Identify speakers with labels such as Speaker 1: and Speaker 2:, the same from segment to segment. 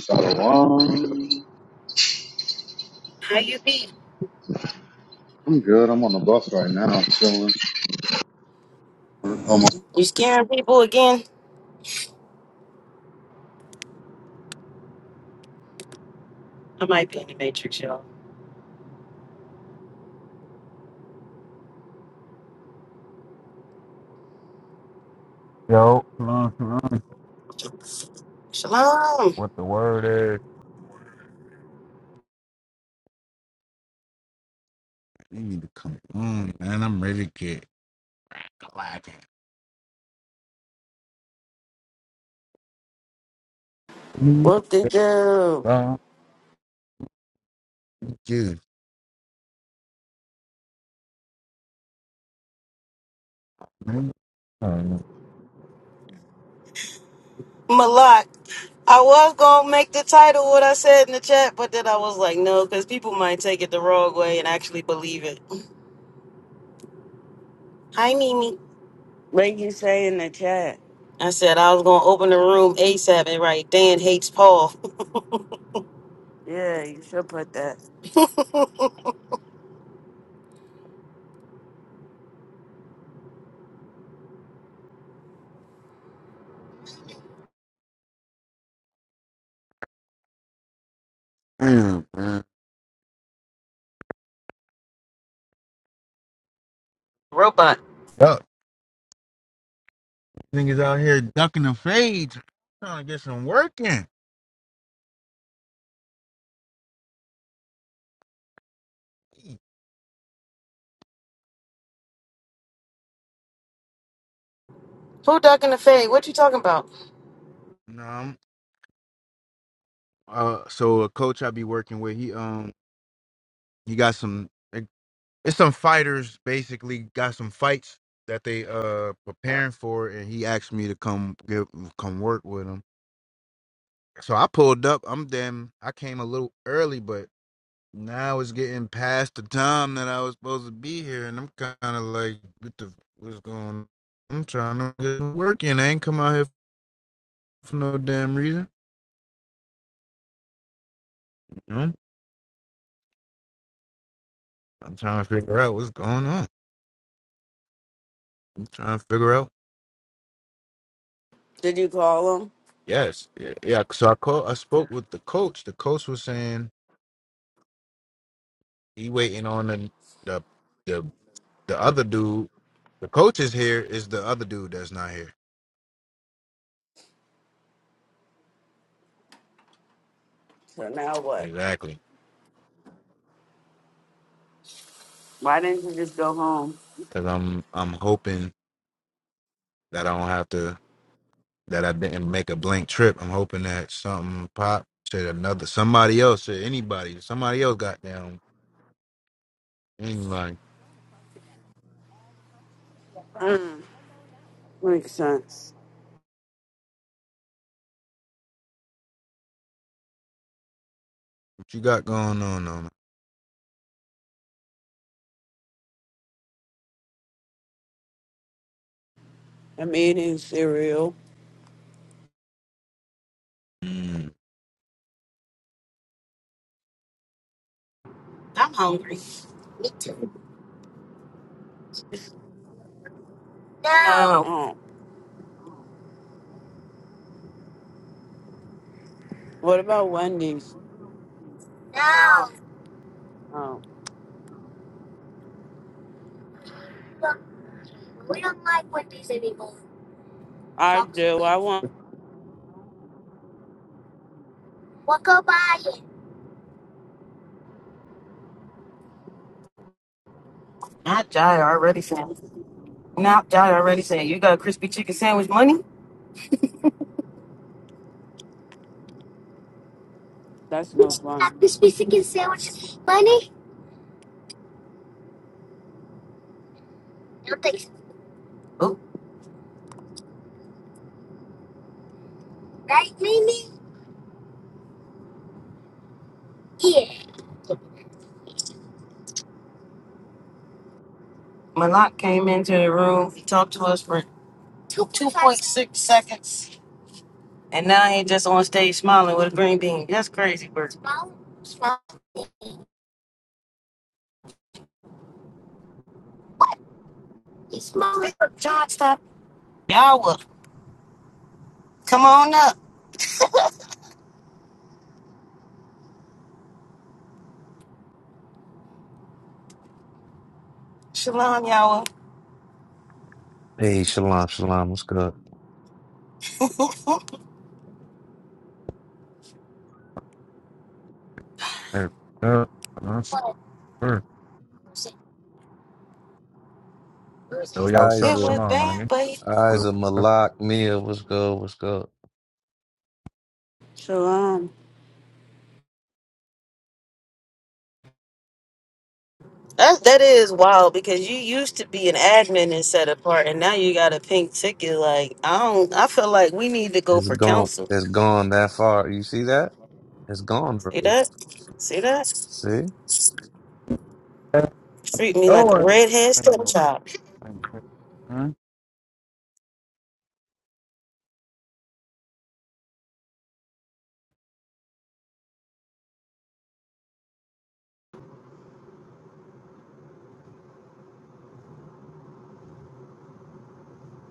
Speaker 1: Shalom.
Speaker 2: How you be?
Speaker 1: I'm good. I'm on the bus right now. I'm chilling. Almost
Speaker 2: You scaring people again? I might be in the Matrix, y'all.
Speaker 3: Yo, come on,
Speaker 2: Shalom.
Speaker 3: What the word is? You need to come on, man. I'm ready to get clacking. Me,
Speaker 4: Whoop de doo.
Speaker 3: bro. Dude, man. Oh,
Speaker 2: Malak. I was going to make the title what I said in the chat, but then I was like, no, because people might take it the wrong way and actually believe it. Hi, Mimi.
Speaker 4: What did you make you say in the chat?
Speaker 2: I said I was going to open the room ASAP and write, Dan hates Paul.
Speaker 4: Yeah, you should put that.
Speaker 3: Damn, man.
Speaker 2: Robot.
Speaker 3: Yo, niggas out here ducking the fades. Trying to get some work in.
Speaker 2: Who ducking the fade? What you talking about?
Speaker 3: No, I'm, uh, so a coach I be working with, he um, he got some. it- It's some fighters basically got some fights that they uh preparing for, and he asked me to come give come work with him. So I pulled up. I'm damn. I came a little early, but now it's getting past the time that I was supposed to be here, and I'm kind of like, what the what's going? on? I'm trying to get to work in. I ain't come out here for no damn reason. You know? I'm trying to figure out what's going on. I'm trying to figure out.
Speaker 4: Did you call him?
Speaker 3: Yes, yeah. yeah. So I call. I spoke with the coach. The coach was saying he waiting on the the the, the other dude. The coach is here. Is the other dude that's not here?
Speaker 4: So now what?
Speaker 3: Exactly.
Speaker 4: Why didn't you just go home?
Speaker 3: Cause I'm I'm hoping that I don't have to that I didn't make a blank trip. I'm hoping that something pop said another somebody else said anybody somebody else got down anybody.
Speaker 4: Mm, makes sense.
Speaker 3: What you got going on, on?
Speaker 4: I'm eating cereal.
Speaker 3: Mm.
Speaker 2: I'm hungry. No.
Speaker 4: Oh, what about Wendy's?
Speaker 2: No.
Speaker 4: Oh,
Speaker 2: we don't like Wendy's anymore.
Speaker 4: I
Speaker 2: Sucks.
Speaker 4: do. I want.
Speaker 2: What go buy? Not Jai already said. Not Jai already said. You got a crispy chicken sandwich money?
Speaker 4: That's no fun.
Speaker 2: Not crispy chicken sandwich money? No thanks. Oh. Right, Mimi? Yeah. Malak came into the room. He talked to us for 2.6 seconds. And now he just on stage smiling with a green bean. That's crazy bro. Smiling? Smiling. He's smiling. John, stop. Yawa, come on up. Shalom, Yawa.
Speaker 5: Hey, shalom, shalom. What's good?
Speaker 3: Hey, uh, uh,
Speaker 2: What?
Speaker 3: sure.
Speaker 2: Where's it? Where's
Speaker 3: Yo,
Speaker 2: it?
Speaker 3: yo, what's up,
Speaker 2: It
Speaker 5: Isa,
Speaker 2: was
Speaker 3: Shalom, my nigga?
Speaker 2: banned, but he
Speaker 3: Yo,
Speaker 5: Isa
Speaker 3: what's
Speaker 5: Malak Mia. What's good? What's good?
Speaker 4: Shalom.
Speaker 2: That that is wild because you used to be an admin and set apart, and now you got a pink ticket. Like I don't, I feel like we need to go
Speaker 5: It's
Speaker 2: for
Speaker 5: gone.
Speaker 2: counsel.
Speaker 5: It's gone that far. You see that? It's gone, bro.
Speaker 2: See that? See that?
Speaker 5: See?
Speaker 3: up?
Speaker 2: Treat me like
Speaker 3: Oh, I
Speaker 2: a redhead
Speaker 3: ain't no,
Speaker 2: stepchild.
Speaker 3: I ain't no- huh?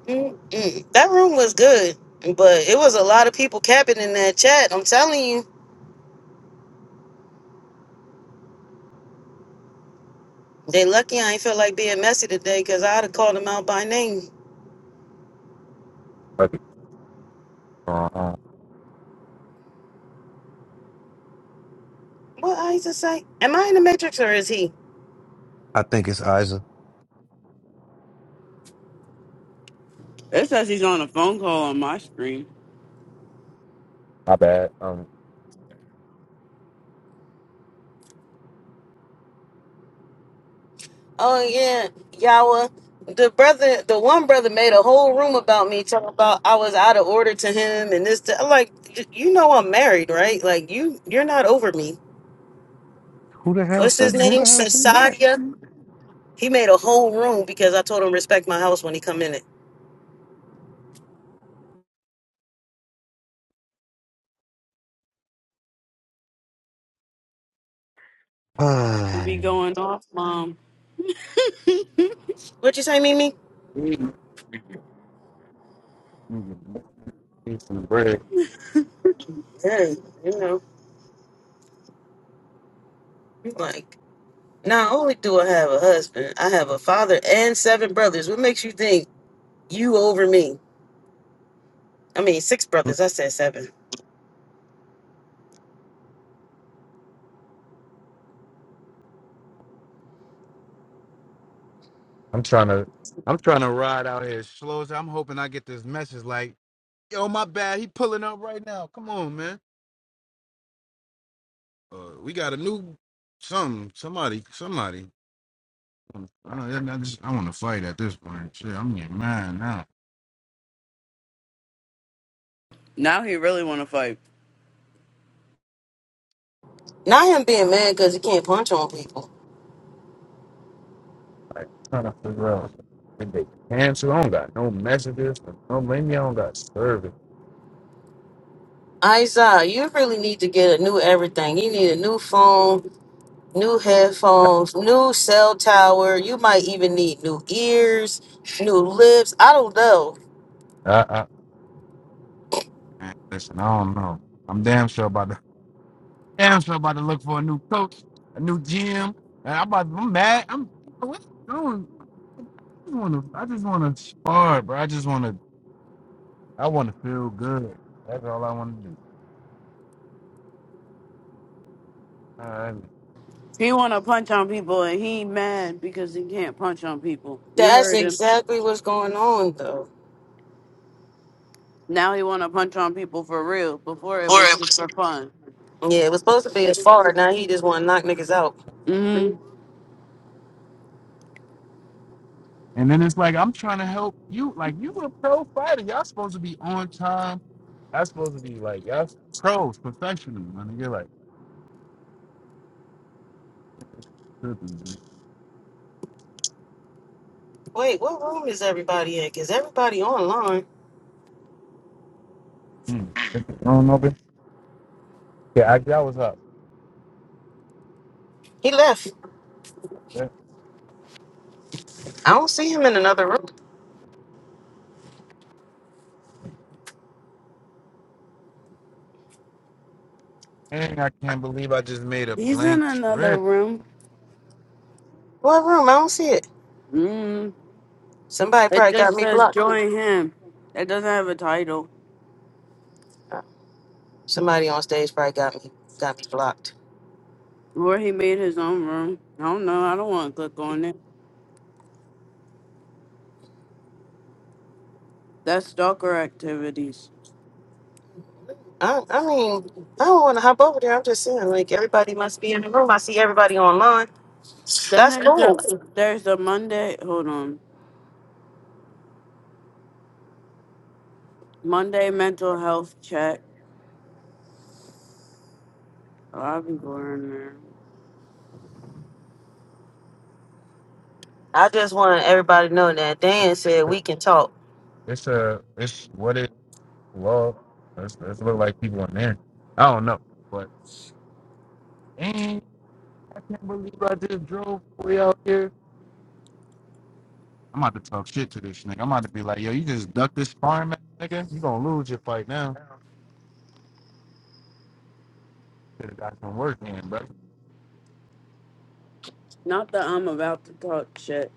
Speaker 2: Mm-mm. That room was good, but it was a lot of people capping in that chat. I'm telling you, they lucky I ain't feel like being messy today because I'd have called them out by name.
Speaker 3: Okay, uh, uh,
Speaker 2: What I used to say? Am I in the matrix or is he?
Speaker 5: I think it's Isa.
Speaker 4: It says he's on a phone call on my screen.
Speaker 3: my bad. Um,
Speaker 2: Oh yeah, Yawa. The brother, the one brother, made a whole room about me, talking about I was out of order to him and this. That. I'm like, "Y- you know, I'm married, right? Like you, you're not over me.
Speaker 5: Who the hell
Speaker 2: What's his
Speaker 5: said? Who
Speaker 2: name?
Speaker 5: the hell said
Speaker 2: Cesaria. He made a whole room because I told him respect my house when he come in it.
Speaker 4: He
Speaker 5: that?
Speaker 4: be going off, mom.
Speaker 2: What you say, Mimi?
Speaker 3: eat eat some bread.
Speaker 2: Yeah, you know, like not only do I have a husband, I have a father and seven brothers. What makes you think you over me? I mean, six brothers. I said seven.
Speaker 3: I'm trying to, I'm trying to ride out here as slow as I'm hoping I get this message. Like Yo, my bad. He pulling up right now. Come on, man. Uh, we got a new something. Somebody, somebody. I, don't- know, I just, I want to fight at this point. Shit, I'm getting mad now.
Speaker 4: Now he really want to fight.
Speaker 2: Not him being mad because he can't punch on people.
Speaker 3: Like, trying to figure out. Did they cancel? I don't got no messages. No, no, maybe I don't got service.
Speaker 2: Isa, you really need to get a new everything. You need a new phone, new headphones, new cell tower. You might even need new ears, new lips. I don't know.
Speaker 3: I, I, man, listen, I don't know. I'm damn sure about to, damn sure about to look for a new coach, a new GM. And I'm about, I'm mad. I'm, I don't, I just want to, I just want to spar, bro. I just want to. I want to feel good. That's all I want to do. Alright.
Speaker 4: He want to punch on people, and he mad because he can't punch on people. You
Speaker 2: That's
Speaker 4: heard him.
Speaker 2: exactly what's going on, though.
Speaker 4: Now he want to punch on people for real. Before it
Speaker 2: Or
Speaker 4: was
Speaker 2: it
Speaker 4: just
Speaker 2: was,
Speaker 4: for fun.
Speaker 2: Yeah, it was supposed to be his far. Now he just want to knock niggas out.
Speaker 4: Mm.
Speaker 3: And then it's like I'm trying to help you. Like you a pro fighter. Y'all supposed to be on time. I supposed to be like y'all pros, professional. Man, you're like tripping.
Speaker 2: Wait, what room is everybody in? Is everybody online?
Speaker 3: man. Hmm. Is the room open? Yeah, I, that was up.
Speaker 2: He left.
Speaker 3: Yeah.
Speaker 2: I don't see him in another room.
Speaker 3: And I can't believe I just made a
Speaker 4: He's in
Speaker 3: blank
Speaker 4: another
Speaker 3: trip.
Speaker 4: room.
Speaker 2: What room? I don't see it.
Speaker 4: Mm.
Speaker 2: Somebody
Speaker 4: It
Speaker 2: probably got
Speaker 4: just
Speaker 2: me
Speaker 4: says
Speaker 2: blocked.
Speaker 4: join him. It doesn't have a title.
Speaker 2: Somebody on stage probably got me got me blocked.
Speaker 4: Where he made his own room. I don't know. I don't want to click on it. That's stalker activities.
Speaker 2: I, I mean, I don't want to hop over there. I'm just saying, like, everybody must be in the room. I see everybody online.
Speaker 4: Then
Speaker 2: That's
Speaker 4: there's a
Speaker 2: cool.
Speaker 4: there's a Monday. Hold on. Monday mental health chat. A lot of people are in there.
Speaker 2: I just want everybody to know that Dan said we can talk.
Speaker 3: It's a it's what it well. Let's look like people in there. I don't know, but and I can't believe I just drove way out here I'm about to talk shit to this nigga. I'm about to be like, yo, you just ducked this sparring match, nigga. You gonna lose your fight now. Should have got some work in, bro.
Speaker 4: Not that I'm about to talk shit.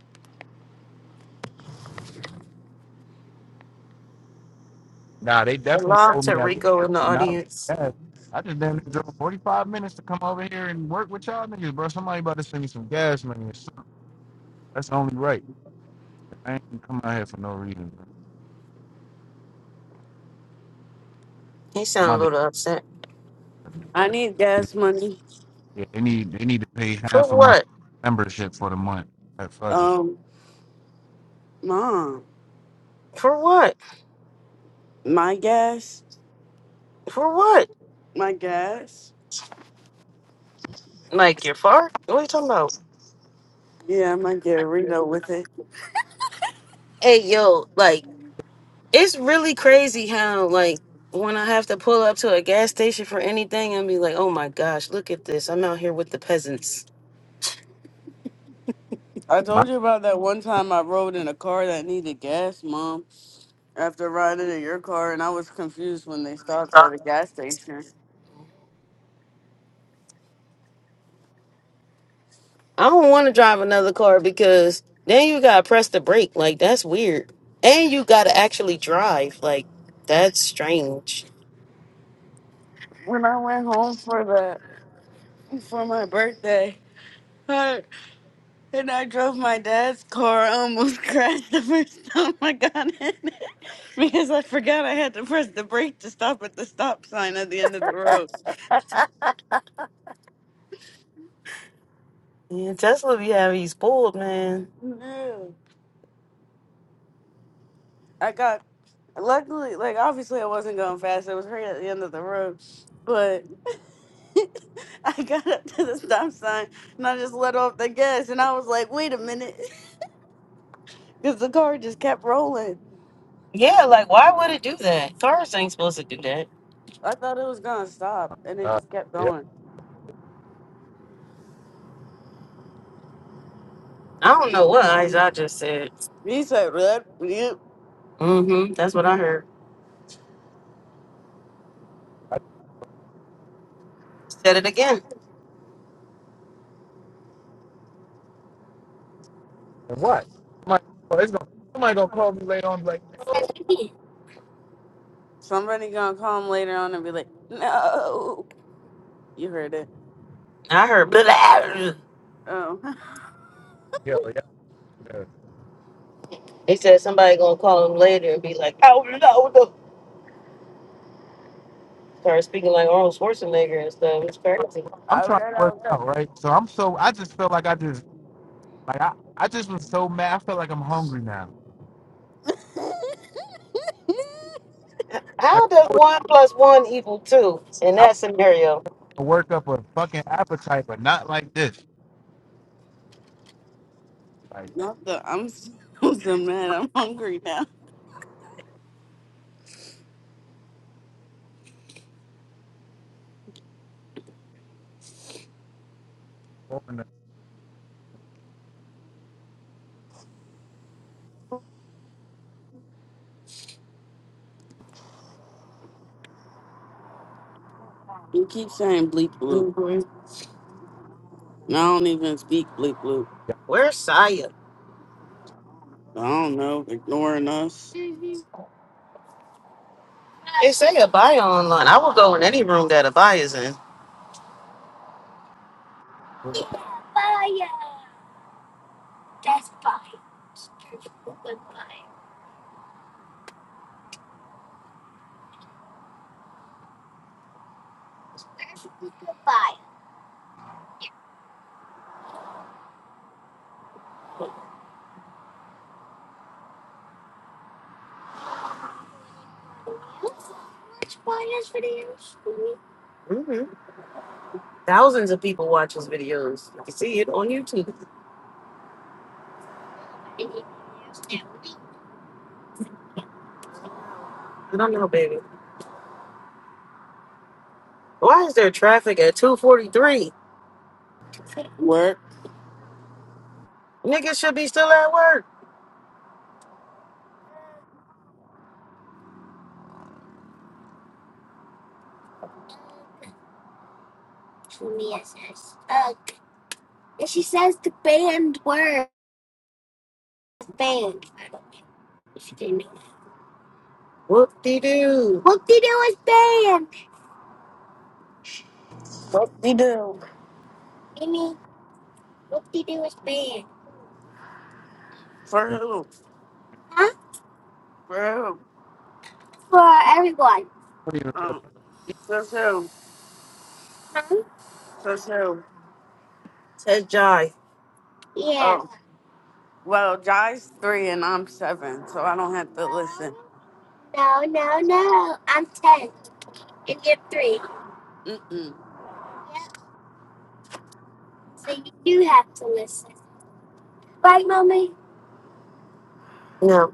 Speaker 3: Nah, they definitely
Speaker 2: Salam
Speaker 3: owe me
Speaker 2: to
Speaker 3: at least
Speaker 2: Rico in the
Speaker 3: fifteen dollars.
Speaker 2: audience.
Speaker 3: cash. I just damn near drove 45 minutes to come over here and work with y'all niggas, bro. Somebody about to send me some gas money or something. That's only right. I ain't coming out here for no reason. Bro.
Speaker 2: He
Speaker 3: I'm
Speaker 2: sounded a
Speaker 3: about to.
Speaker 2: little upset.
Speaker 4: I need gas money.
Speaker 3: Yeah, they need they need to pay
Speaker 2: For
Speaker 3: half of my
Speaker 2: what?
Speaker 3: membership for the month. Like, fuck it.
Speaker 4: Um, mom,
Speaker 2: For what?
Speaker 4: my gas.
Speaker 2: For what?
Speaker 4: My gas?
Speaker 2: Like, you're far? What are you talking about?
Speaker 4: Yeah, I might get a Reno with it.
Speaker 2: Hey, yo, like, it's really crazy how, like, when I have to pull up to a gas station for anything and be like, oh my gosh, look at this. I'm out here with the peasants.
Speaker 4: I
Speaker 3: My,
Speaker 4: told you about that one time I rode in a car that needed gas, Mom, after riding in your car, and I was confused when they stopped at a gas station.
Speaker 2: I don't want to drive another car because then you gotta press the brake. Like that's weird, and you gotta actually drive. Like that's strange.
Speaker 4: When I went home for the for my birthday, I, and I drove my dad's car, I almost crashed the first time I got in it because I forgot I had to press the brake to stop at the stop sign at the end of the road.
Speaker 2: Yeah, Tesla be having these pulled, man.
Speaker 4: Yeah. I got luckily, like obviously, I wasn't going fast. It was right at the end of the road, but I got up to the stop sign and I just let off the gas, and I was like, "Wait a minute," because the car just kept rolling.
Speaker 2: Yeah, like why would it do that? Cars ain't supposed to do that.
Speaker 4: I thought it was gonna stop, and it
Speaker 3: uh,
Speaker 4: just kept
Speaker 3: yeah,
Speaker 4: going.
Speaker 2: I don't know what I just said.
Speaker 4: He said, "Red, yep."
Speaker 2: Mm-hmm. That's what I heard.
Speaker 3: I,
Speaker 2: Said it again.
Speaker 3: and what? Somebody, it's gonna, somebody gonna call me later on, and be like, yo,
Speaker 4: Somebody gonna call him later on and be like, "No, you heard it."
Speaker 2: I heard blah. blah.
Speaker 4: Oh,
Speaker 3: Yo, yeah, yeah.
Speaker 2: They said somebody gonna call him later and be like, "Oh no, no!" Start speaking like Arnold Schwarzenegger and stuff. It's crazy.
Speaker 3: I'm
Speaker 4: I
Speaker 3: trying to
Speaker 4: got
Speaker 3: work
Speaker 4: out.
Speaker 3: out, right? So I'm so I just feel like I just like I, I just was so mad. I feel like I'm hungry now. Like
Speaker 2: How does
Speaker 3: I would
Speaker 2: one plus one equal two in
Speaker 3: I
Speaker 2: that scenario?
Speaker 3: would work up a fucking appetite, but not like this. Like
Speaker 4: Not the. I'm so, I'm so mad. I'm hungry now.
Speaker 3: what in the-
Speaker 4: You keep saying bleep bloop,
Speaker 2: hmm
Speaker 4: and I don't even speak bleep bloop.
Speaker 3: yeah,
Speaker 2: Where's Saya?
Speaker 4: I don't know, ignoring us.
Speaker 2: They say Abaya online. I will go in any room that Abaya's in.
Speaker 3: what-
Speaker 2: hmm Thousands of people watch his videos. You can see it on YouTube. I don't know, baby. Why is there traffic at 243?
Speaker 4: Work.
Speaker 2: Niggas should be still at work. says, says ugh. And she says the banned word Banned. I don't know If she didn't know, Whoop de doo.
Speaker 4: What you do? For
Speaker 3: what-
Speaker 4: who? For who?
Speaker 3: what do
Speaker 4: Oh, says who? Says who?
Speaker 2: Says Jai. Yeah.
Speaker 4: Oh, well, Jai's three and I'm seven, so I don't
Speaker 2: No.
Speaker 4: have to listen.
Speaker 2: no, no, no. I'm three. I'm ten, ten. and you're you three.
Speaker 4: Mm-mm.
Speaker 2: Yep. So you do have to listen. Right, mommy. No.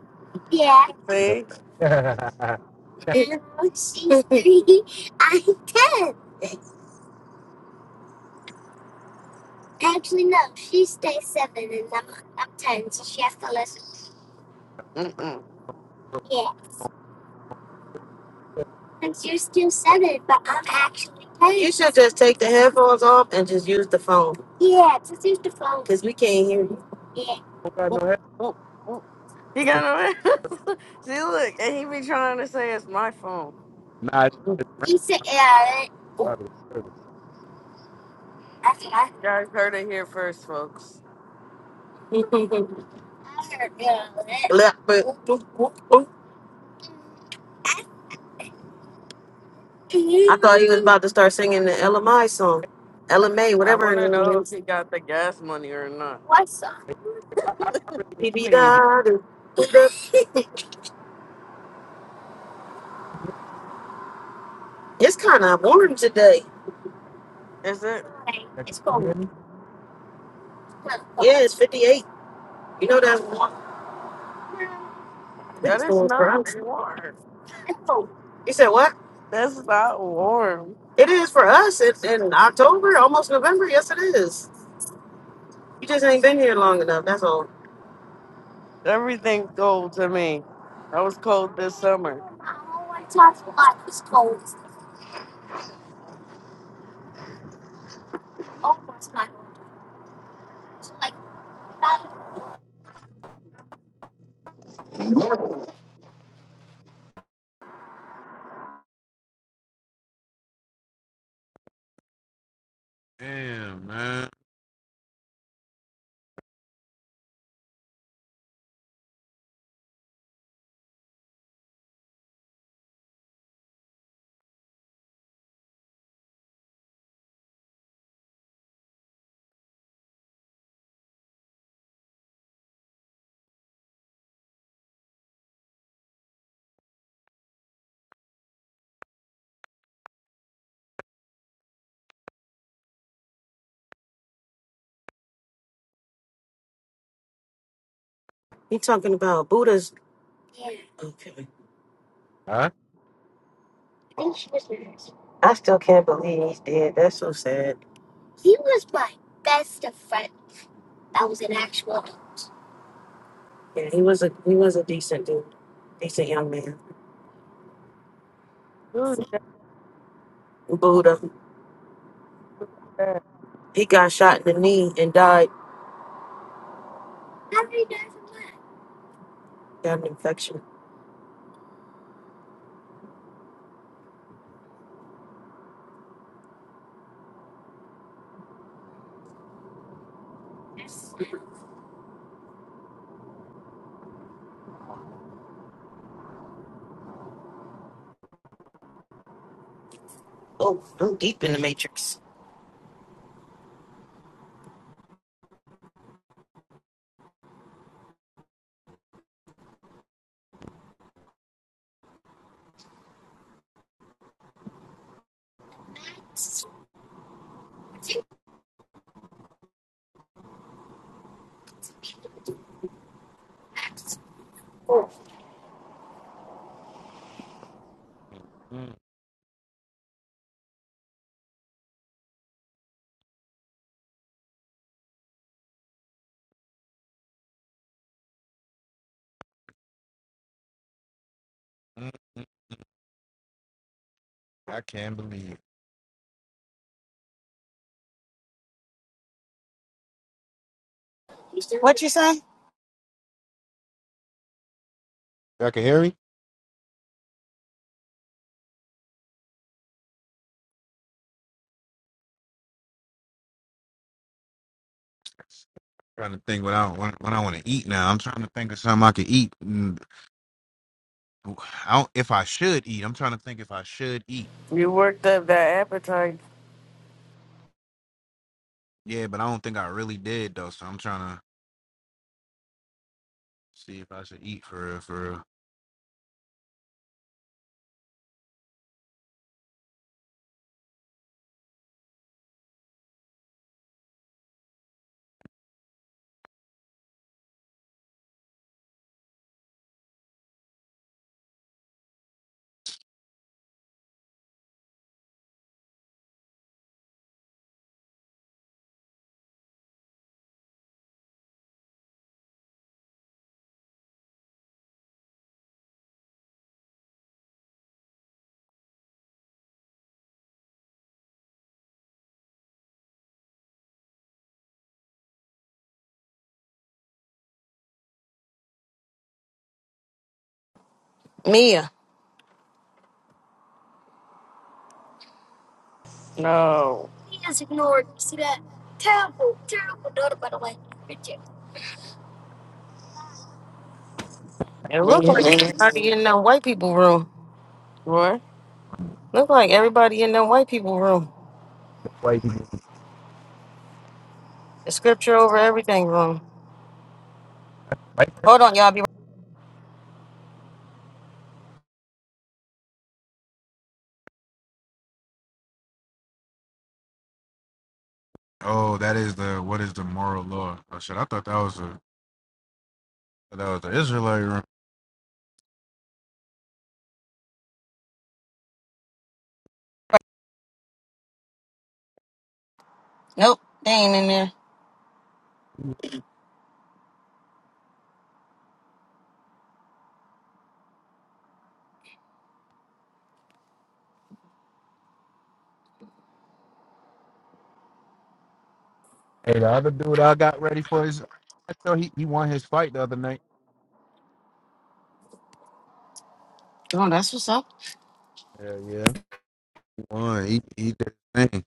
Speaker 2: Yeah.
Speaker 3: you-
Speaker 4: See?
Speaker 2: she's three. I'm ten. Actually, no. She stays seven and I'm, I'm ten, so she has to listen.
Speaker 4: Mm-mm.
Speaker 2: Yeah. Since you're still seven, but I'm actually ten. You should just take the headphones off and just use the phone Yeah, just use the phone. because we can't hear you. Yeah.
Speaker 3: Don't got
Speaker 4: Oop,
Speaker 3: no head.
Speaker 4: oop, oop. He got no See, look, and he be trying to say it's my phone.
Speaker 3: Nah, it's it's rain
Speaker 2: You said, yeah. Oh,
Speaker 3: probably. I
Speaker 2: I said, I
Speaker 4: You guys heard it here first, folks.
Speaker 2: I heard, yeah. Look, but- I thought he was about to start singing the LMI song. LMA,
Speaker 4: I
Speaker 2: whatever
Speaker 4: want to
Speaker 2: it
Speaker 4: know if
Speaker 2: is.
Speaker 4: he got the gas money or not.
Speaker 2: What's up?
Speaker 3: really need-
Speaker 2: Be
Speaker 3: I
Speaker 2: be
Speaker 3: may need you.
Speaker 2: da do, It's kind of warm today.
Speaker 4: Is it?
Speaker 3: Can
Speaker 2: It's
Speaker 3: you hear
Speaker 2: cold.
Speaker 3: me?
Speaker 2: Yeah, it's 58. You know that's warm.
Speaker 4: That
Speaker 2: it's
Speaker 4: is
Speaker 2: cold for
Speaker 4: not
Speaker 2: us.
Speaker 4: warm.
Speaker 2: It's cold. You said what?
Speaker 4: That's not warm.
Speaker 2: It is for us in, in October, almost November. Yes, it is. You just ain't been here long enough. That's all.
Speaker 4: Everything's cold to me. I was cold this
Speaker 2: I
Speaker 4: summer.
Speaker 2: want to talk about it's cold. It's almost my It's like that.
Speaker 3: Damn man.
Speaker 2: You talking about Buddha's? Yeah. Okay. I
Speaker 3: Huh?
Speaker 2: think she was nervous. I still can't believe he's dead. That's so sad. He was my best of friend. That was an actual. Yeah, he was a he was a decent dude, decent young man.
Speaker 4: Who's
Speaker 2: Buddha,
Speaker 4: that?
Speaker 2: he got shot in the knee and died. How did he die from that? Got an infection. Oh, I'm deep in the matrix. Oh,
Speaker 3: Mm, mm, mm. I can't believe.
Speaker 2: What you say?
Speaker 3: Y'all can hear me? trying to think what I what, what I want to eat now. I'm trying to think of something I could eat. Mm, I don't, if I should eat, I'm trying to think if I should eat.
Speaker 4: You worked up that appetite.
Speaker 3: Yeah, but I don't think I really did though. So I'm trying to see if I should eat for real, for real.
Speaker 2: Mia.
Speaker 4: No.
Speaker 2: Mia's ignored. See that? Terrible, terrible daughter, by the way. Richard. It looked like
Speaker 4: Yes.
Speaker 2: everybody in that white people room.
Speaker 4: What?
Speaker 2: Look like everybody in that white people room.
Speaker 3: White people,
Speaker 2: The scripture over everything room.
Speaker 3: right?
Speaker 2: Hold on, y'all. Be
Speaker 3: Oh, that is the what is the moral law? Oh shit, I thought that was a that was the Israelite room.
Speaker 2: nope. They ain't in there.
Speaker 3: Hey, the other dude I got ready for his, I know he, he won his fight the other night.
Speaker 2: Oh, that's what's up.
Speaker 3: Yeah, yeah. He eat eat that thing.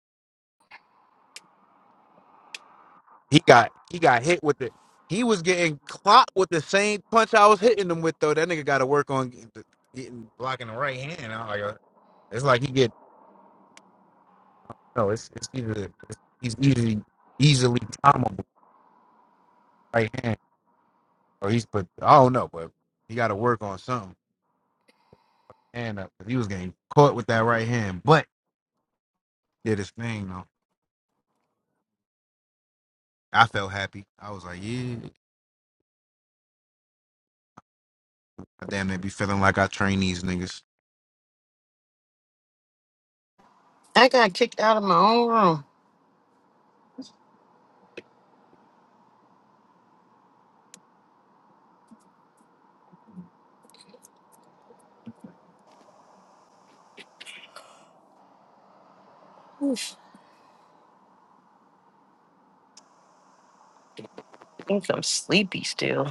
Speaker 3: He got he got hit with it. He was getting clocked with the same punch I was hitting him with though. That nigga got to work on getting, getting- blocking the right hand. I'm like, uh, it's like he get no. It's it's either it's, he's easily easily timable right hand or he's but I don't know, but he got to work on something. And uh, he was getting caught with that right hand, but did his thing though. I felt happy. I was like, yeah, I damn near be feeling like I train these niggas.
Speaker 2: I got kicked out of my own room. Oof, I think I'm so sleepy still.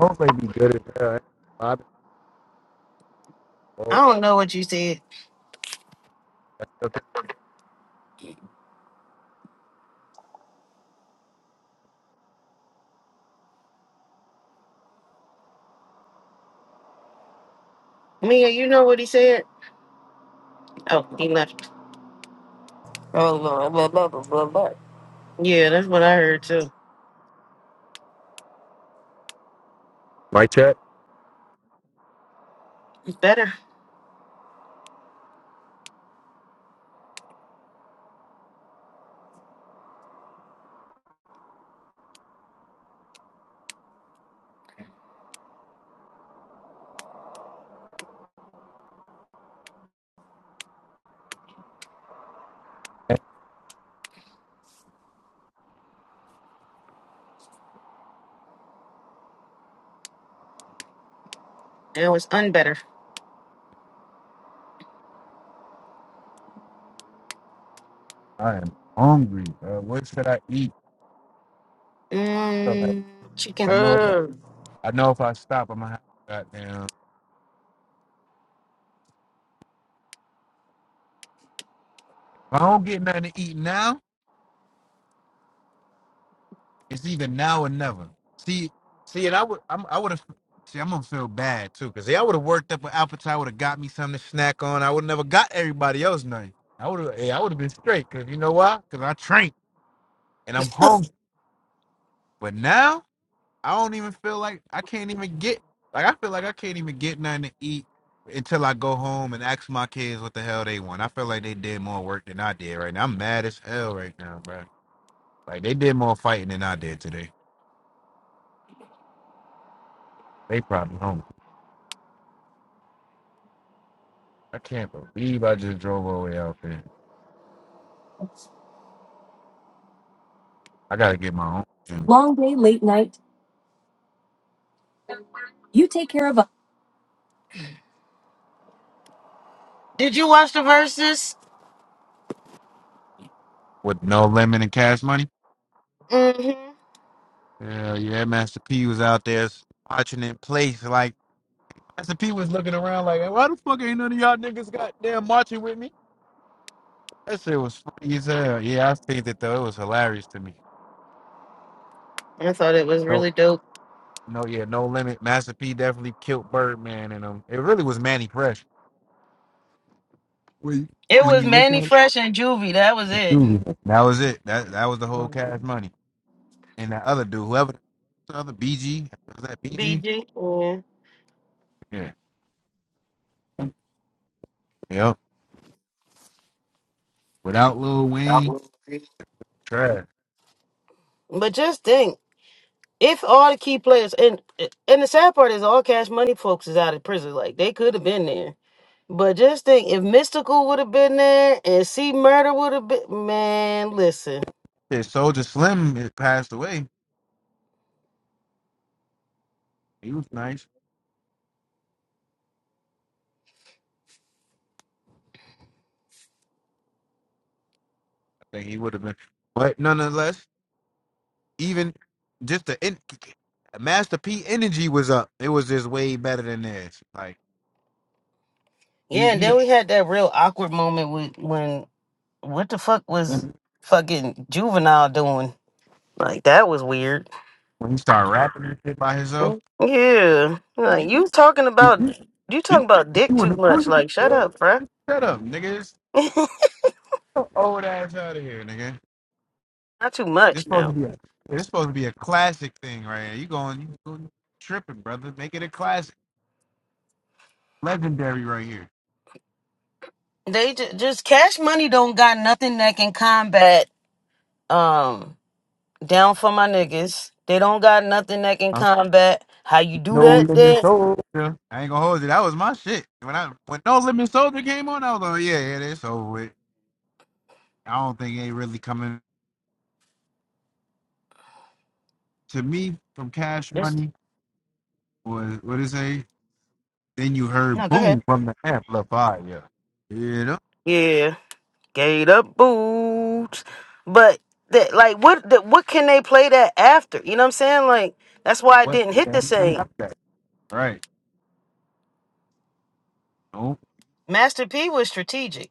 Speaker 3: Hopefully, be good as hell. eh? Bob and
Speaker 2: I don't know what you said.
Speaker 3: that's okay.
Speaker 2: Mia, you know what he said? Oh, he left.
Speaker 4: Oh, no. Blah, blah, blah, blah,
Speaker 2: Yeah, that's what I heard too.
Speaker 3: Right check.
Speaker 2: It's better. Now it's unbetter.
Speaker 3: I am hungry, bro. What should I eat? So like,
Speaker 2: Mmm, chicken.
Speaker 3: I know,
Speaker 4: blah.
Speaker 3: I know if I stop, I'm gonna have goddamn. If I don't get nothing to eat now, it's either now or never. See, see, and I would, I'm, I would have. See, I'm gonna feel bad too, cause yeah, I would have worked up an appetite. Would have got me something to snack on. I would never got everybody else nothing. I would have, yeah, I would have been straight, cause you know why? Cause I trained and I'm hungry. But now. I don't even feel like I can't even get like I feel like I can't even get nothing to eat until I go home and ask my kids what the hell they want. I feel like they did more work than I did right now. I'm mad as hell right now, bro. Like they did more fighting than I did today. They probably hungry. I can't believe I just drove all the way out there. I gotta get my own drink.
Speaker 2: Did you watch the verses?
Speaker 3: with no lemon and cash money.
Speaker 2: Mm-hmm.
Speaker 3: Yeah, yeah, Master P was out there marching in place. Like Master P was looking around like, why the fuck ain't none of y'all niggas got damn marching with me? That shit was funny as hell. Yeah, I seen it though. It was hilarious to me.
Speaker 2: I thought it was
Speaker 3: No,
Speaker 2: really dope.
Speaker 3: no, yeah, no limit. Master P definitely killed Birdman, and um, it really was Manny Fresh. When
Speaker 2: It
Speaker 3: when
Speaker 2: was
Speaker 3: you look
Speaker 2: Manny
Speaker 3: at it,
Speaker 2: Fresh and Juvie. That was it.
Speaker 3: truly, that was it. That that was the whole
Speaker 2: Mhm.
Speaker 3: cash money, and that other dude, whoever, the other BG, was that BG?
Speaker 2: BG. Yeah.
Speaker 3: Yeah, yep. Without Lil Wayne, trash.
Speaker 2: But just think, if all the key players and and the sad part is all cash money folks is out of prison, like they could have been there. But just think, if Mystical would have been there and C Murder would have been, man, listen.
Speaker 3: His Soldier Slim had passed away. He was nice. I think he would have been, but nonetheless. Even just the in, Master P energy was up. It was just way better than this. Like you,
Speaker 2: Yeah, and then
Speaker 3: you
Speaker 2: we had that real awkward moment with when what the fuck was
Speaker 3: when
Speaker 2: fucking Juvenile doing? Like that was weird.
Speaker 3: when he started rapping and shit by himself,
Speaker 2: Yeah, like
Speaker 3: you,
Speaker 2: you talking about
Speaker 3: you,
Speaker 2: you
Speaker 3: you,
Speaker 2: talking about dick
Speaker 3: you in
Speaker 2: too
Speaker 3: the
Speaker 2: much.
Speaker 3: prison,
Speaker 2: Like shut
Speaker 3: bro.
Speaker 2: up, bruh.
Speaker 3: Shut up, nigga. It's so old ass out of here, nigga.
Speaker 2: Not too
Speaker 3: It's
Speaker 2: much
Speaker 3: supposed to
Speaker 2: now.
Speaker 3: be a it's supposed to be a classic thing right here. You going you going tripping, brother. Make it a classic. Legendary right here.
Speaker 2: They ju- just cash money don't got nothing that can combat. Um. down for my niggas. They don't got nothing that can
Speaker 3: Huh?
Speaker 2: combat. How you do
Speaker 3: No
Speaker 2: that
Speaker 3: limit
Speaker 2: there?
Speaker 3: soldier. I ain't gonna hold you. That was my shit. When I when No Limit Soldier came on, I was like, yeah, yeah, it's over with. I don't think ain't really coming to me from Cash
Speaker 2: Just
Speaker 3: Money. Was what is it? Then you heard
Speaker 2: no, go ahead.
Speaker 3: boom from the amplifier. You know
Speaker 2: Yeah. Gate up boots. But that like what that, what can they play that after? You know what I'm saying? Like that's why I
Speaker 3: what?
Speaker 2: didn't hit
Speaker 3: Yeah,
Speaker 2: the
Speaker 3: and
Speaker 2: same.
Speaker 3: that's that. Right. Oh,
Speaker 2: Master P was strategic.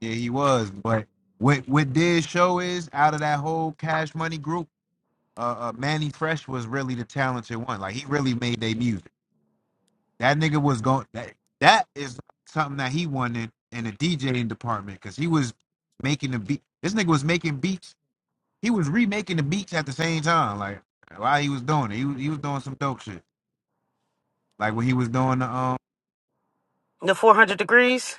Speaker 3: yeah, he was. But what what did show is out of that whole Cash Money group, uh, uh Manny Fresh was really the talented one. Like he really made their music. That nigga was going. That that is something that he wanted in the DJing department because he was making the beat. This nigga was making beats he was remaking the beats at the same time. Like while he was doing it, he was, he was doing some dope shit. Like when he was doing the um,
Speaker 2: The 400 degrees.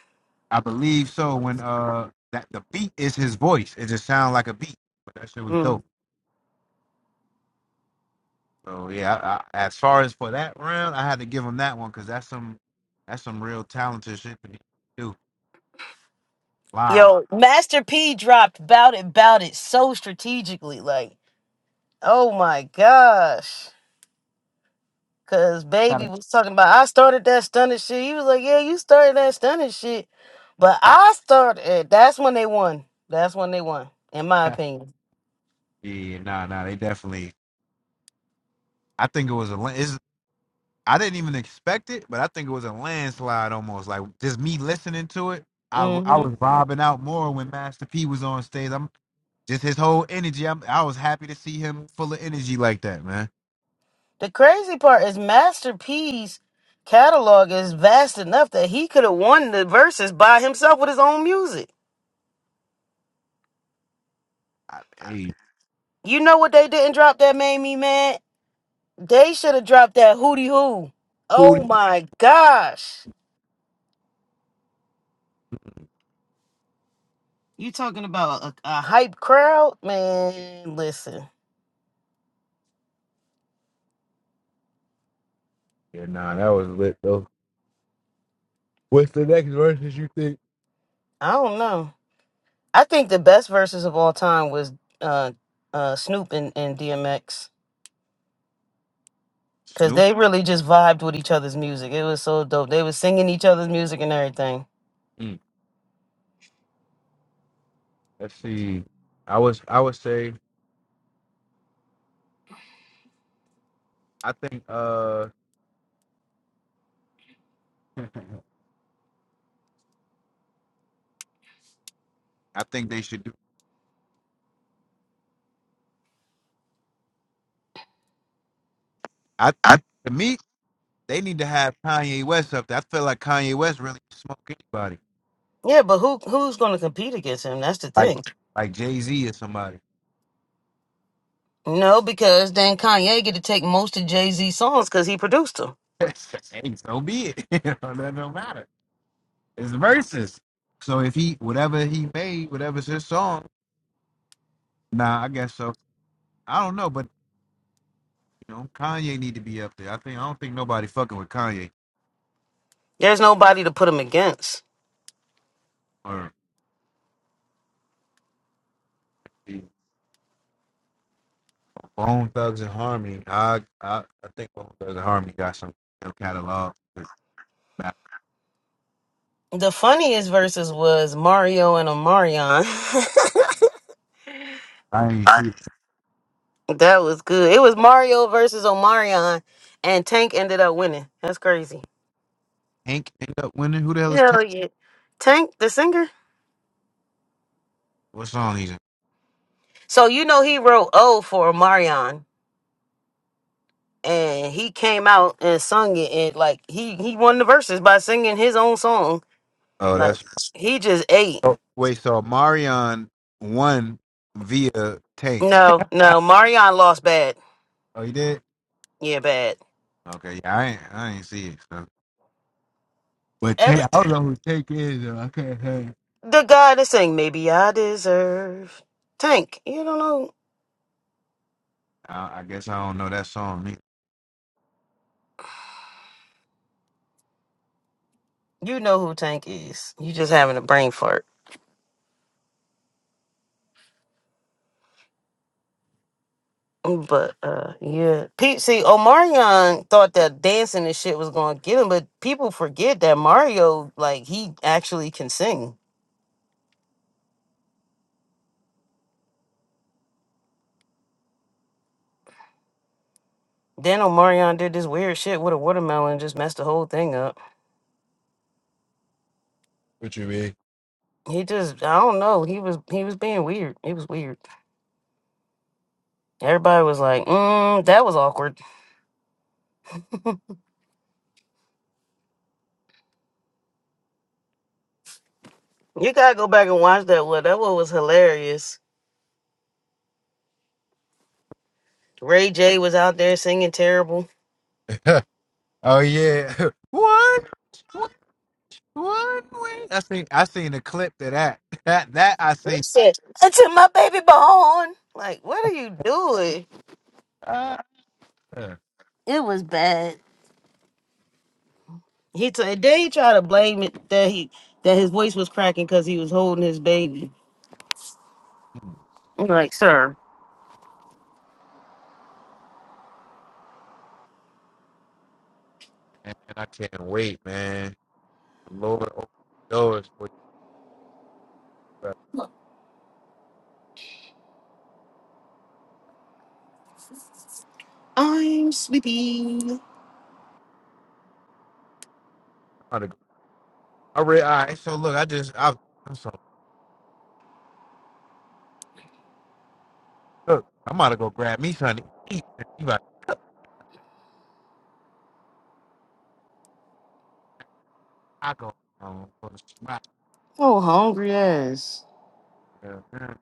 Speaker 3: I believe so. When uh, that the beat is his voice. It just sounds like a beat, but that shit was
Speaker 2: Mm.
Speaker 3: dope. So yeah, I, I, as far as for that round, I had to give him that one because that's some that's some real talented shit to do live.
Speaker 2: Yo, Master P dropped bout it bout it so strategically like, oh my gosh. Cause baby
Speaker 3: Gotta-
Speaker 2: was talking about I started that stunning shit. He was like, Yeah, you started that stunning shit. But I started it. That's when they won. That's when they won, in my opinion.
Speaker 3: yeah, nah, nah, they definitely. I think it was a. I didn't even expect it, but I think it was a landslide almost. Like just me listening to it, I w- I
Speaker 2: hmm
Speaker 3: was vibing out more when Master P was on stage. I'm just his whole energy. I'm, I was happy to see him full of energy like that, man.
Speaker 2: The crazy part is Master P's catalog is vast enough that he could have won the verses by himself with his own music.
Speaker 3: I, hey,
Speaker 2: You know what they didn't drop that made me mad? They should have dropped that hootie hoo. Oh
Speaker 3: booty.
Speaker 2: my gosh. You talking about a, a hype crowd? Man, listen.
Speaker 3: Yeah, nah, that was lit though. What's the next verses you think?
Speaker 2: I don't know. I think the best verses of all time was uh, uh, Snoop and, and DMX because
Speaker 3: Snoop.
Speaker 2: they really just vibed with each other's music. It was so dope. They was singing each other's music and everything.
Speaker 3: Mm, let's see. I was I would say I think uh I think they should do. I to me they need to have Kanye West up there. I feel like Kanye West really can smoke anybody.
Speaker 2: Yeah, but who who's going to compete against him? That's the
Speaker 3: like
Speaker 2: thing.
Speaker 3: like Jay Z or somebody.
Speaker 2: No, because then Kanye get to take most of Jay Z songs because he produced them.
Speaker 3: hey, so be it. you know, that don't matter. It's verses. So if he whatever he made, whatever's his song, nah, I guess so. I don't know, but you know, Kanye need to be up there. I think I don't think nobody fucking with Kanye
Speaker 2: There's nobody to put him against.
Speaker 3: or Bone Thugs and Harmony. I I, I think Bone Thugs and Harmony got some good catalog.
Speaker 2: The funniest verses was Mario and Omarion.
Speaker 3: I ain't see
Speaker 2: that was good. It was Mario versus Omarion, and Tank ended up winning. That's crazy.
Speaker 3: Hank end up winning. Who the hell is Tank?
Speaker 2: Hell yeah. Tank, the singer?
Speaker 3: What song he's in?
Speaker 2: So you know he wrote "O" for Marion, and he came out and sung it, and like he he won the verses by singing his own song.
Speaker 3: Oh,
Speaker 2: Like
Speaker 3: that's
Speaker 2: he just ate.
Speaker 3: So, wait, so Marion won via Tank.
Speaker 2: No, no, Marion lost bad.
Speaker 3: Oh, he did?
Speaker 2: Yeah, bad.
Speaker 3: Okay, yeah, I ain't, I ain't see it. So. But Tank,
Speaker 2: Every
Speaker 3: I don't know who Tank is. Though. I can't tell. you.
Speaker 2: the guy that sang "Maybe I Deserve" Tank. You don't know.
Speaker 3: I, I guess I don't know that song. Either.
Speaker 2: You know who Tank is. You just having a brain fart. Mm, But uh yeah. Pete see Omarion thought that dancing and shit was gonna get him, but people forget that Mario, like, he actually can sing. Then Omarion did this weird shit with a watermelon and just messed the whole thing up.
Speaker 3: What you mean?
Speaker 2: He just I don't know. He was he was being weird. It was weird. Everybody was like, mm, that was awkward. You gotta go back and watch that one. That one was hilarious. Ray J was out there singing terrible.
Speaker 3: oh yeah, what? What? What? Wait. I seen I seen a clip of that. That that I
Speaker 2: He
Speaker 3: seen.
Speaker 2: said, Until my baby born. Like, what are you doing?
Speaker 3: Ah, man,
Speaker 2: It was bad. He t- then he tried to blame it that he that his voice was cracking because he was holding his baby. I'm like, sir,
Speaker 3: I can't wait, man. Lord open doors for you. brother. I'm about to go- I read. All right. So look, I just I, I'm sorry. Look, I'm about to go grab me something to eat. and You about to I go um, for the spot.
Speaker 2: oh hungry ass.
Speaker 3: Yeah, yeah.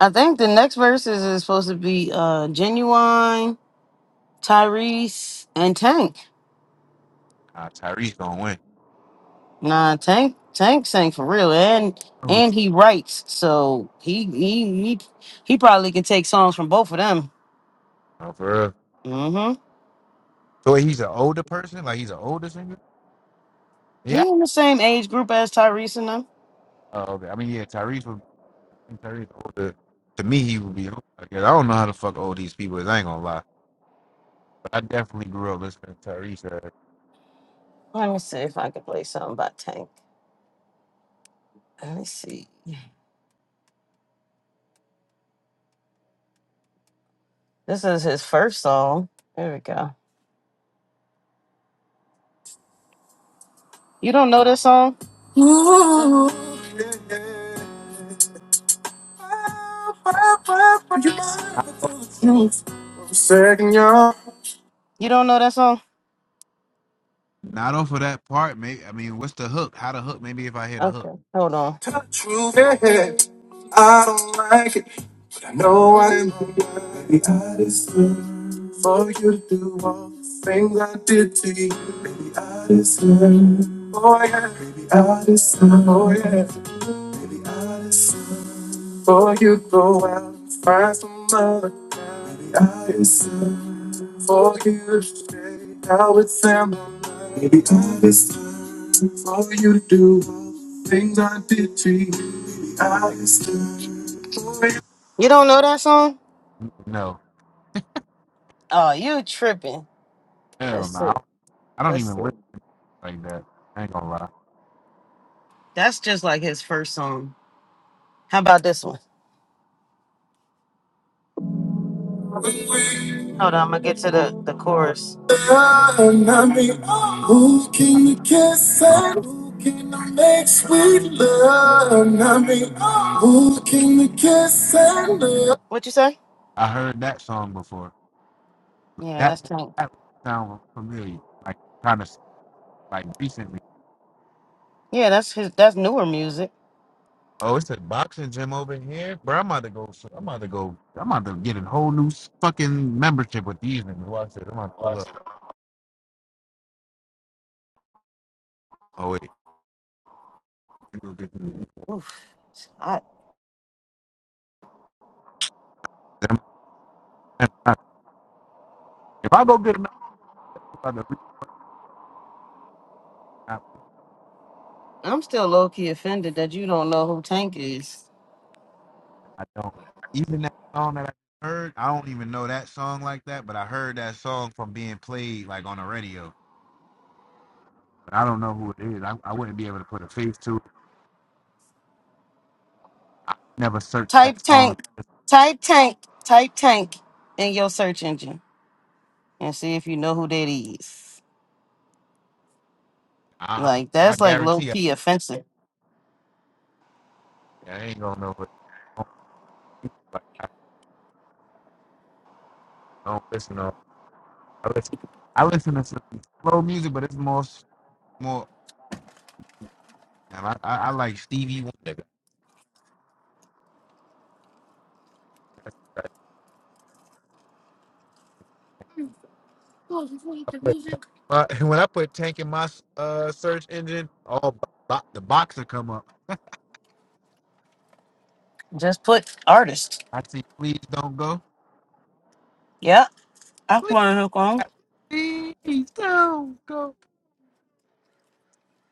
Speaker 2: I think the next verses is supposed to be uh genuine, Tyrese, and Tank.
Speaker 3: Nah, Tyrese gonna win.
Speaker 2: Nah, Tank Tank sang for real, and
Speaker 3: Oh,
Speaker 2: and
Speaker 3: t-
Speaker 2: he writes, so he he he, he probably can take songs from both of them.
Speaker 3: oh, for real.
Speaker 2: Mm-hmm.
Speaker 3: So wait, he's an older person, like he's an older singer. Yeah.
Speaker 2: He in the same age group as Tyrese and them.
Speaker 3: Oh, okay. I mean, yeah, Tyrese would. Tyrese older. To me, he would be older. Because I don't know how the fuck old these people is. I ain't gonna lie, but I definitely grew up listening to Tyrese. Uh,
Speaker 2: Let me see if I can play something by Tank. Let me see. This is his first song. There we go. You don't know this song?
Speaker 3: I-
Speaker 2: Señor. You don't know that song?
Speaker 3: not off of that part. Maybe I mean, what's the hook? How the hook? Maybe if I hear the hook.
Speaker 2: Okay, hold on. Tell the Truth is, I don't like it, but I know I'm the hardest thing for you to do all the things I did to you. Baby, I deserve. Oh yeah. Baby, I deserve. Oh yeah. Baby, I deserve. Before you go out and find some other guy, maybe I deserve for you to stay out with Sam. Maybe I deserve for you to do things I did to you. Maybe I deserve for you. You don't know that song?
Speaker 3: No,
Speaker 2: Oh, you tripping?
Speaker 3: hell
Speaker 2: That's
Speaker 3: no. I
Speaker 2: it.
Speaker 3: don't I don't
Speaker 2: That's
Speaker 3: even listen
Speaker 2: it.
Speaker 3: like that. I ain't gonna lie.
Speaker 2: That's just like his first song. How about this one? Hold on, I'm gonna get to the, the chorus. And I mean, who can you kiss
Speaker 3: Um,
Speaker 2: and who can I make sweet love? And I mean, who can you kiss and love? What you say?
Speaker 3: I heard that song before.
Speaker 2: Yeah,
Speaker 3: That
Speaker 2: that's Tank.
Speaker 3: that would sound familiar. Like kind of like recently.
Speaker 2: Yeah, that's his. That's newer music.
Speaker 3: Oh, it's a boxing gym over here, bro. I'm about to go. I'm about to go. I'm about to get a whole new s- fucking membership with these niggas. Watch this. I'm about to pull up. Oh wait. You go get me.
Speaker 2: Oof, I
Speaker 3: Then I'm- I'm- If I go get another, I'm about to reverse. I,
Speaker 2: I'm still low key offended that you don't know who Tank is.
Speaker 3: I don't. Even that song that I heard, I don't even know that song like that, but I heard that song from being played like on the radio. But I don't know who it is. I, I wouldn't be able to put a face to it. I never searched
Speaker 2: Type
Speaker 3: that song.
Speaker 2: Tank, type Tank, type Tank in your search engine and see if you know who that is.
Speaker 3: I, I'm-
Speaker 2: Like
Speaker 3: I
Speaker 2: that's like low
Speaker 3: guarantee I,
Speaker 2: key offensive.
Speaker 3: I ain't going nowhere. I don't, like, I don't listen to. I listen. I listen to some slow music, but it's more s- more. and I, I, I like Stevie Wonder. I put- but when I put Tank in my uh, search engine, all bo- bo- the boxer come up.
Speaker 2: Just put artist.
Speaker 3: I see, please don't go.
Speaker 2: Yeah, I
Speaker 3: Please,
Speaker 2: want to go.
Speaker 3: please don't go.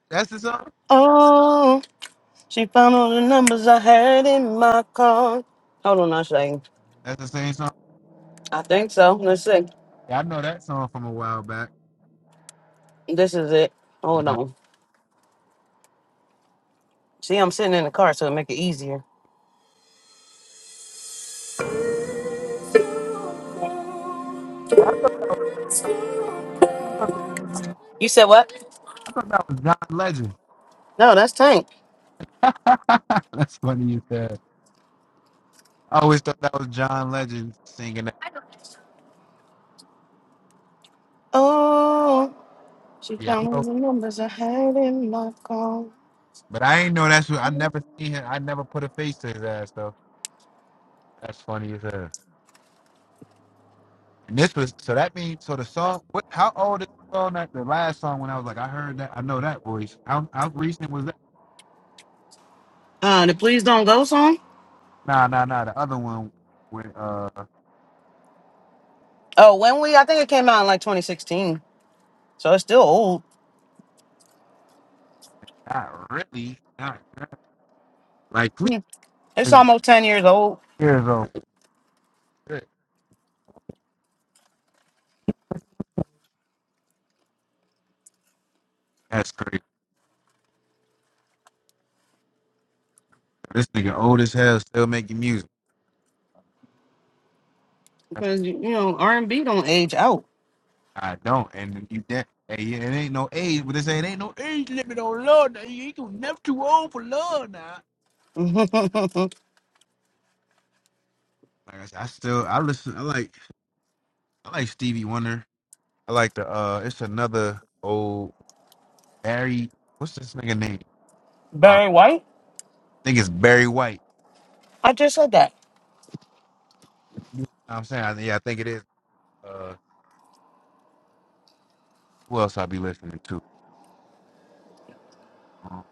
Speaker 3: That's the song.
Speaker 2: Oh, she found all the numbers I had in my car. Hold on a second.
Speaker 3: That's the same song.
Speaker 2: I think so. Let's see.
Speaker 3: Yeah, I know that song from a while back.
Speaker 2: This is it. Hold
Speaker 3: I
Speaker 2: on. See, I'm sitting in the car, so it make it easier.
Speaker 3: thought
Speaker 2: You said what?
Speaker 3: that was John Legend.
Speaker 2: No, that's Tank.
Speaker 3: That's funny you said. I always thought that was John Legend singing that.
Speaker 2: Oh, she
Speaker 3: Yeah, I
Speaker 2: found all
Speaker 3: know,
Speaker 2: the numbers I had in my car.
Speaker 3: but I ain't know that's who. I never seen him. I never put a face to his ass though. That's funny as hell. And this was so that means so the song. What? How old is the song? That the last song when I was like, I heard that. I know that voice. How how recent was that?
Speaker 2: Uh, the Please Don't Go song?
Speaker 3: Nah, nah, nah. The other one with uh,
Speaker 2: Oh, when we, I think it came out in like 2016. So it's still old.
Speaker 3: not really, not really. like please.
Speaker 2: Hmm. It's almost 10 years old.
Speaker 3: Years old. Shit, That's crazy. This nigga old as hell, still making music.
Speaker 2: because you know R and B don't age out.
Speaker 3: I don't. And you that hey, yeah, it ain't no age, but they say it ain't no age limit on love. Now. You ain't gonna never too old for love now. Like I, said, I still I listen. I like I like Stevie Wonder. I like the uh, it's another old Barry. What's this nigga name? Uh,
Speaker 2: Barry White.
Speaker 3: I think it's Barry White.
Speaker 2: I just said that.
Speaker 3: You know what I'm saying, I, yeah, I think it is. Uh, who else I be listening to? Um,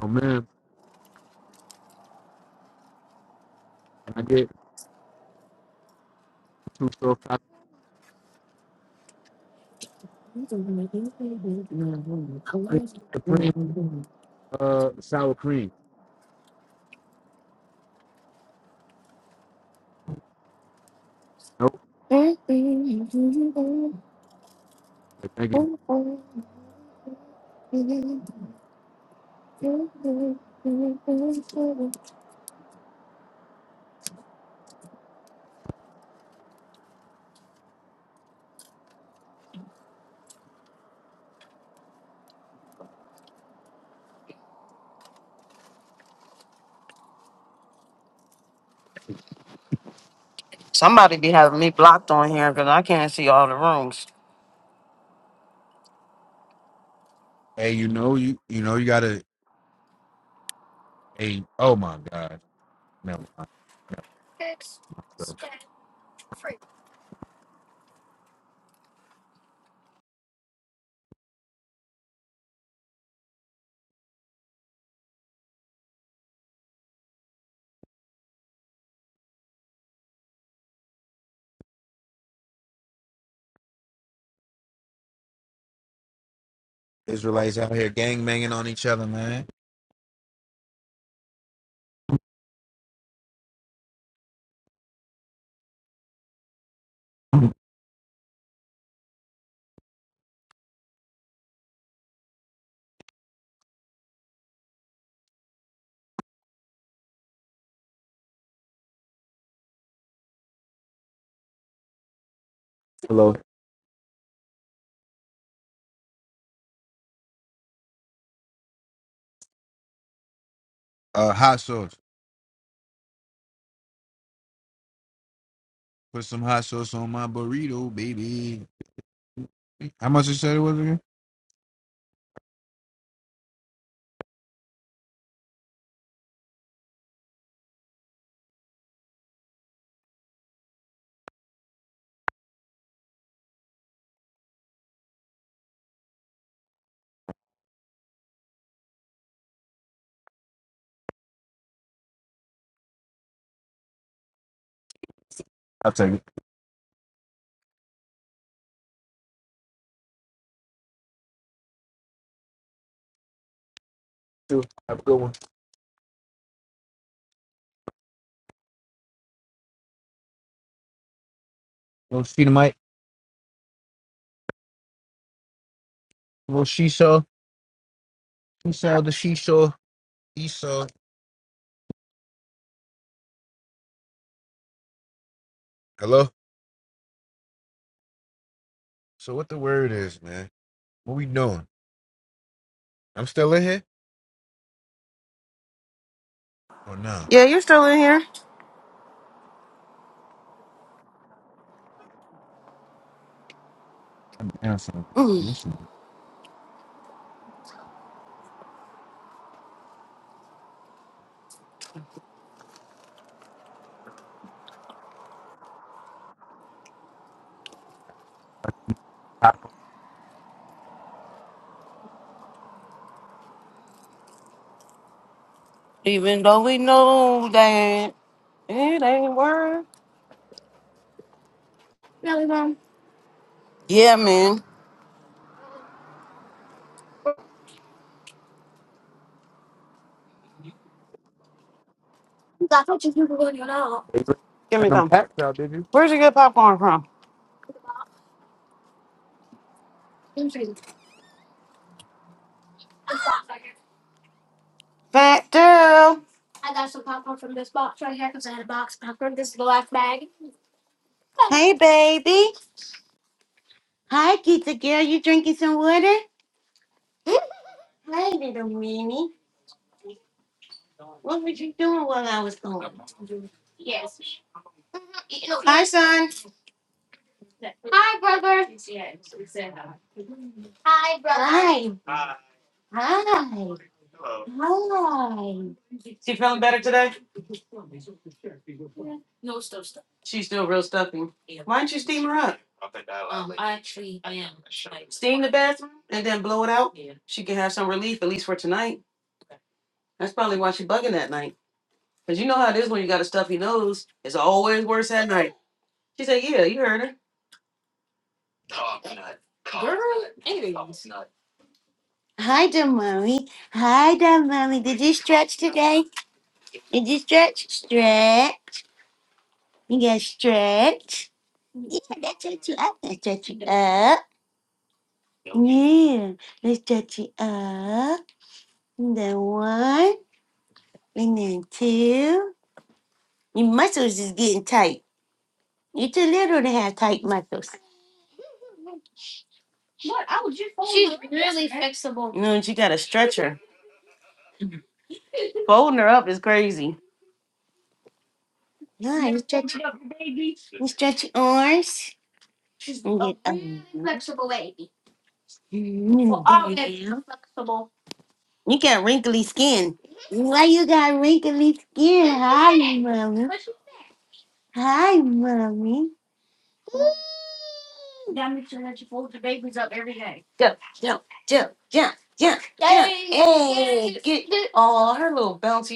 Speaker 3: no man, can I get two soul chocolate supreme uh sour cream? Nope. Thank you.
Speaker 2: Somebody be having me blocked on here because I can't see all the rooms.
Speaker 3: Hey, you know you you know you gotta. Hey, oh my god. Never mind. Never mind. So, Israelites out here gang banging on each other, man. Hello. Uh, hot sauce. Put some hot sauce on my burrito, baby. How much you said it was again? I'll take it. Sure. Have a good one. Little Shedomite. Little she-saw. She-saw the she-saw. Esau. Hello? So what the word is, man? What we doing? I'm still in here? Or no?
Speaker 2: Yeah, you're still in here.
Speaker 3: I'm down something. Ah,
Speaker 2: Even though we know that it ain't worth. Yeah, man. Give
Speaker 3: You ain't never
Speaker 2: me
Speaker 3: them
Speaker 2: some.
Speaker 3: packs out, did you?
Speaker 2: Where'd you get popcorn from? Back girl. I got some popcorn from this box right here because I had a box of popcorn. This is the last bag. Hey, baby. Hi, Kita girl. You drinking some water? Hi, little meanie. Hi, brother. Hi, brother. Hi. Hi. Is She feeling better today? She's still real stuffy. Why don't you steam her up? Steam the bathroom and then blow it out. She can have some relief, at least for tonight. That's probably why she bugging that night. Because you know how it is when you got a stuffy nose. It's always worse at night. She said, "Yeah, you heard her." Hi, dear mommy. Hi, dear mommy. Did you stretch today? Did you stretch? Stretch. You gotta stretch. Yeah. Let's stretch it up. And then one. And then two. Your muscles is getting tight. You're too little to have tight muscles. No, and she got a stretcher. Folding her up is crazy. Nice. And stretch your arms. She's And get up. Mhm. Mhm. Down. You got wrinkly skin. Why you got wrinkly skin? Hi, mommy. Hi, mommy. Jump, jump, jump, jump, jump, jump. Hey, get all her little bouncy.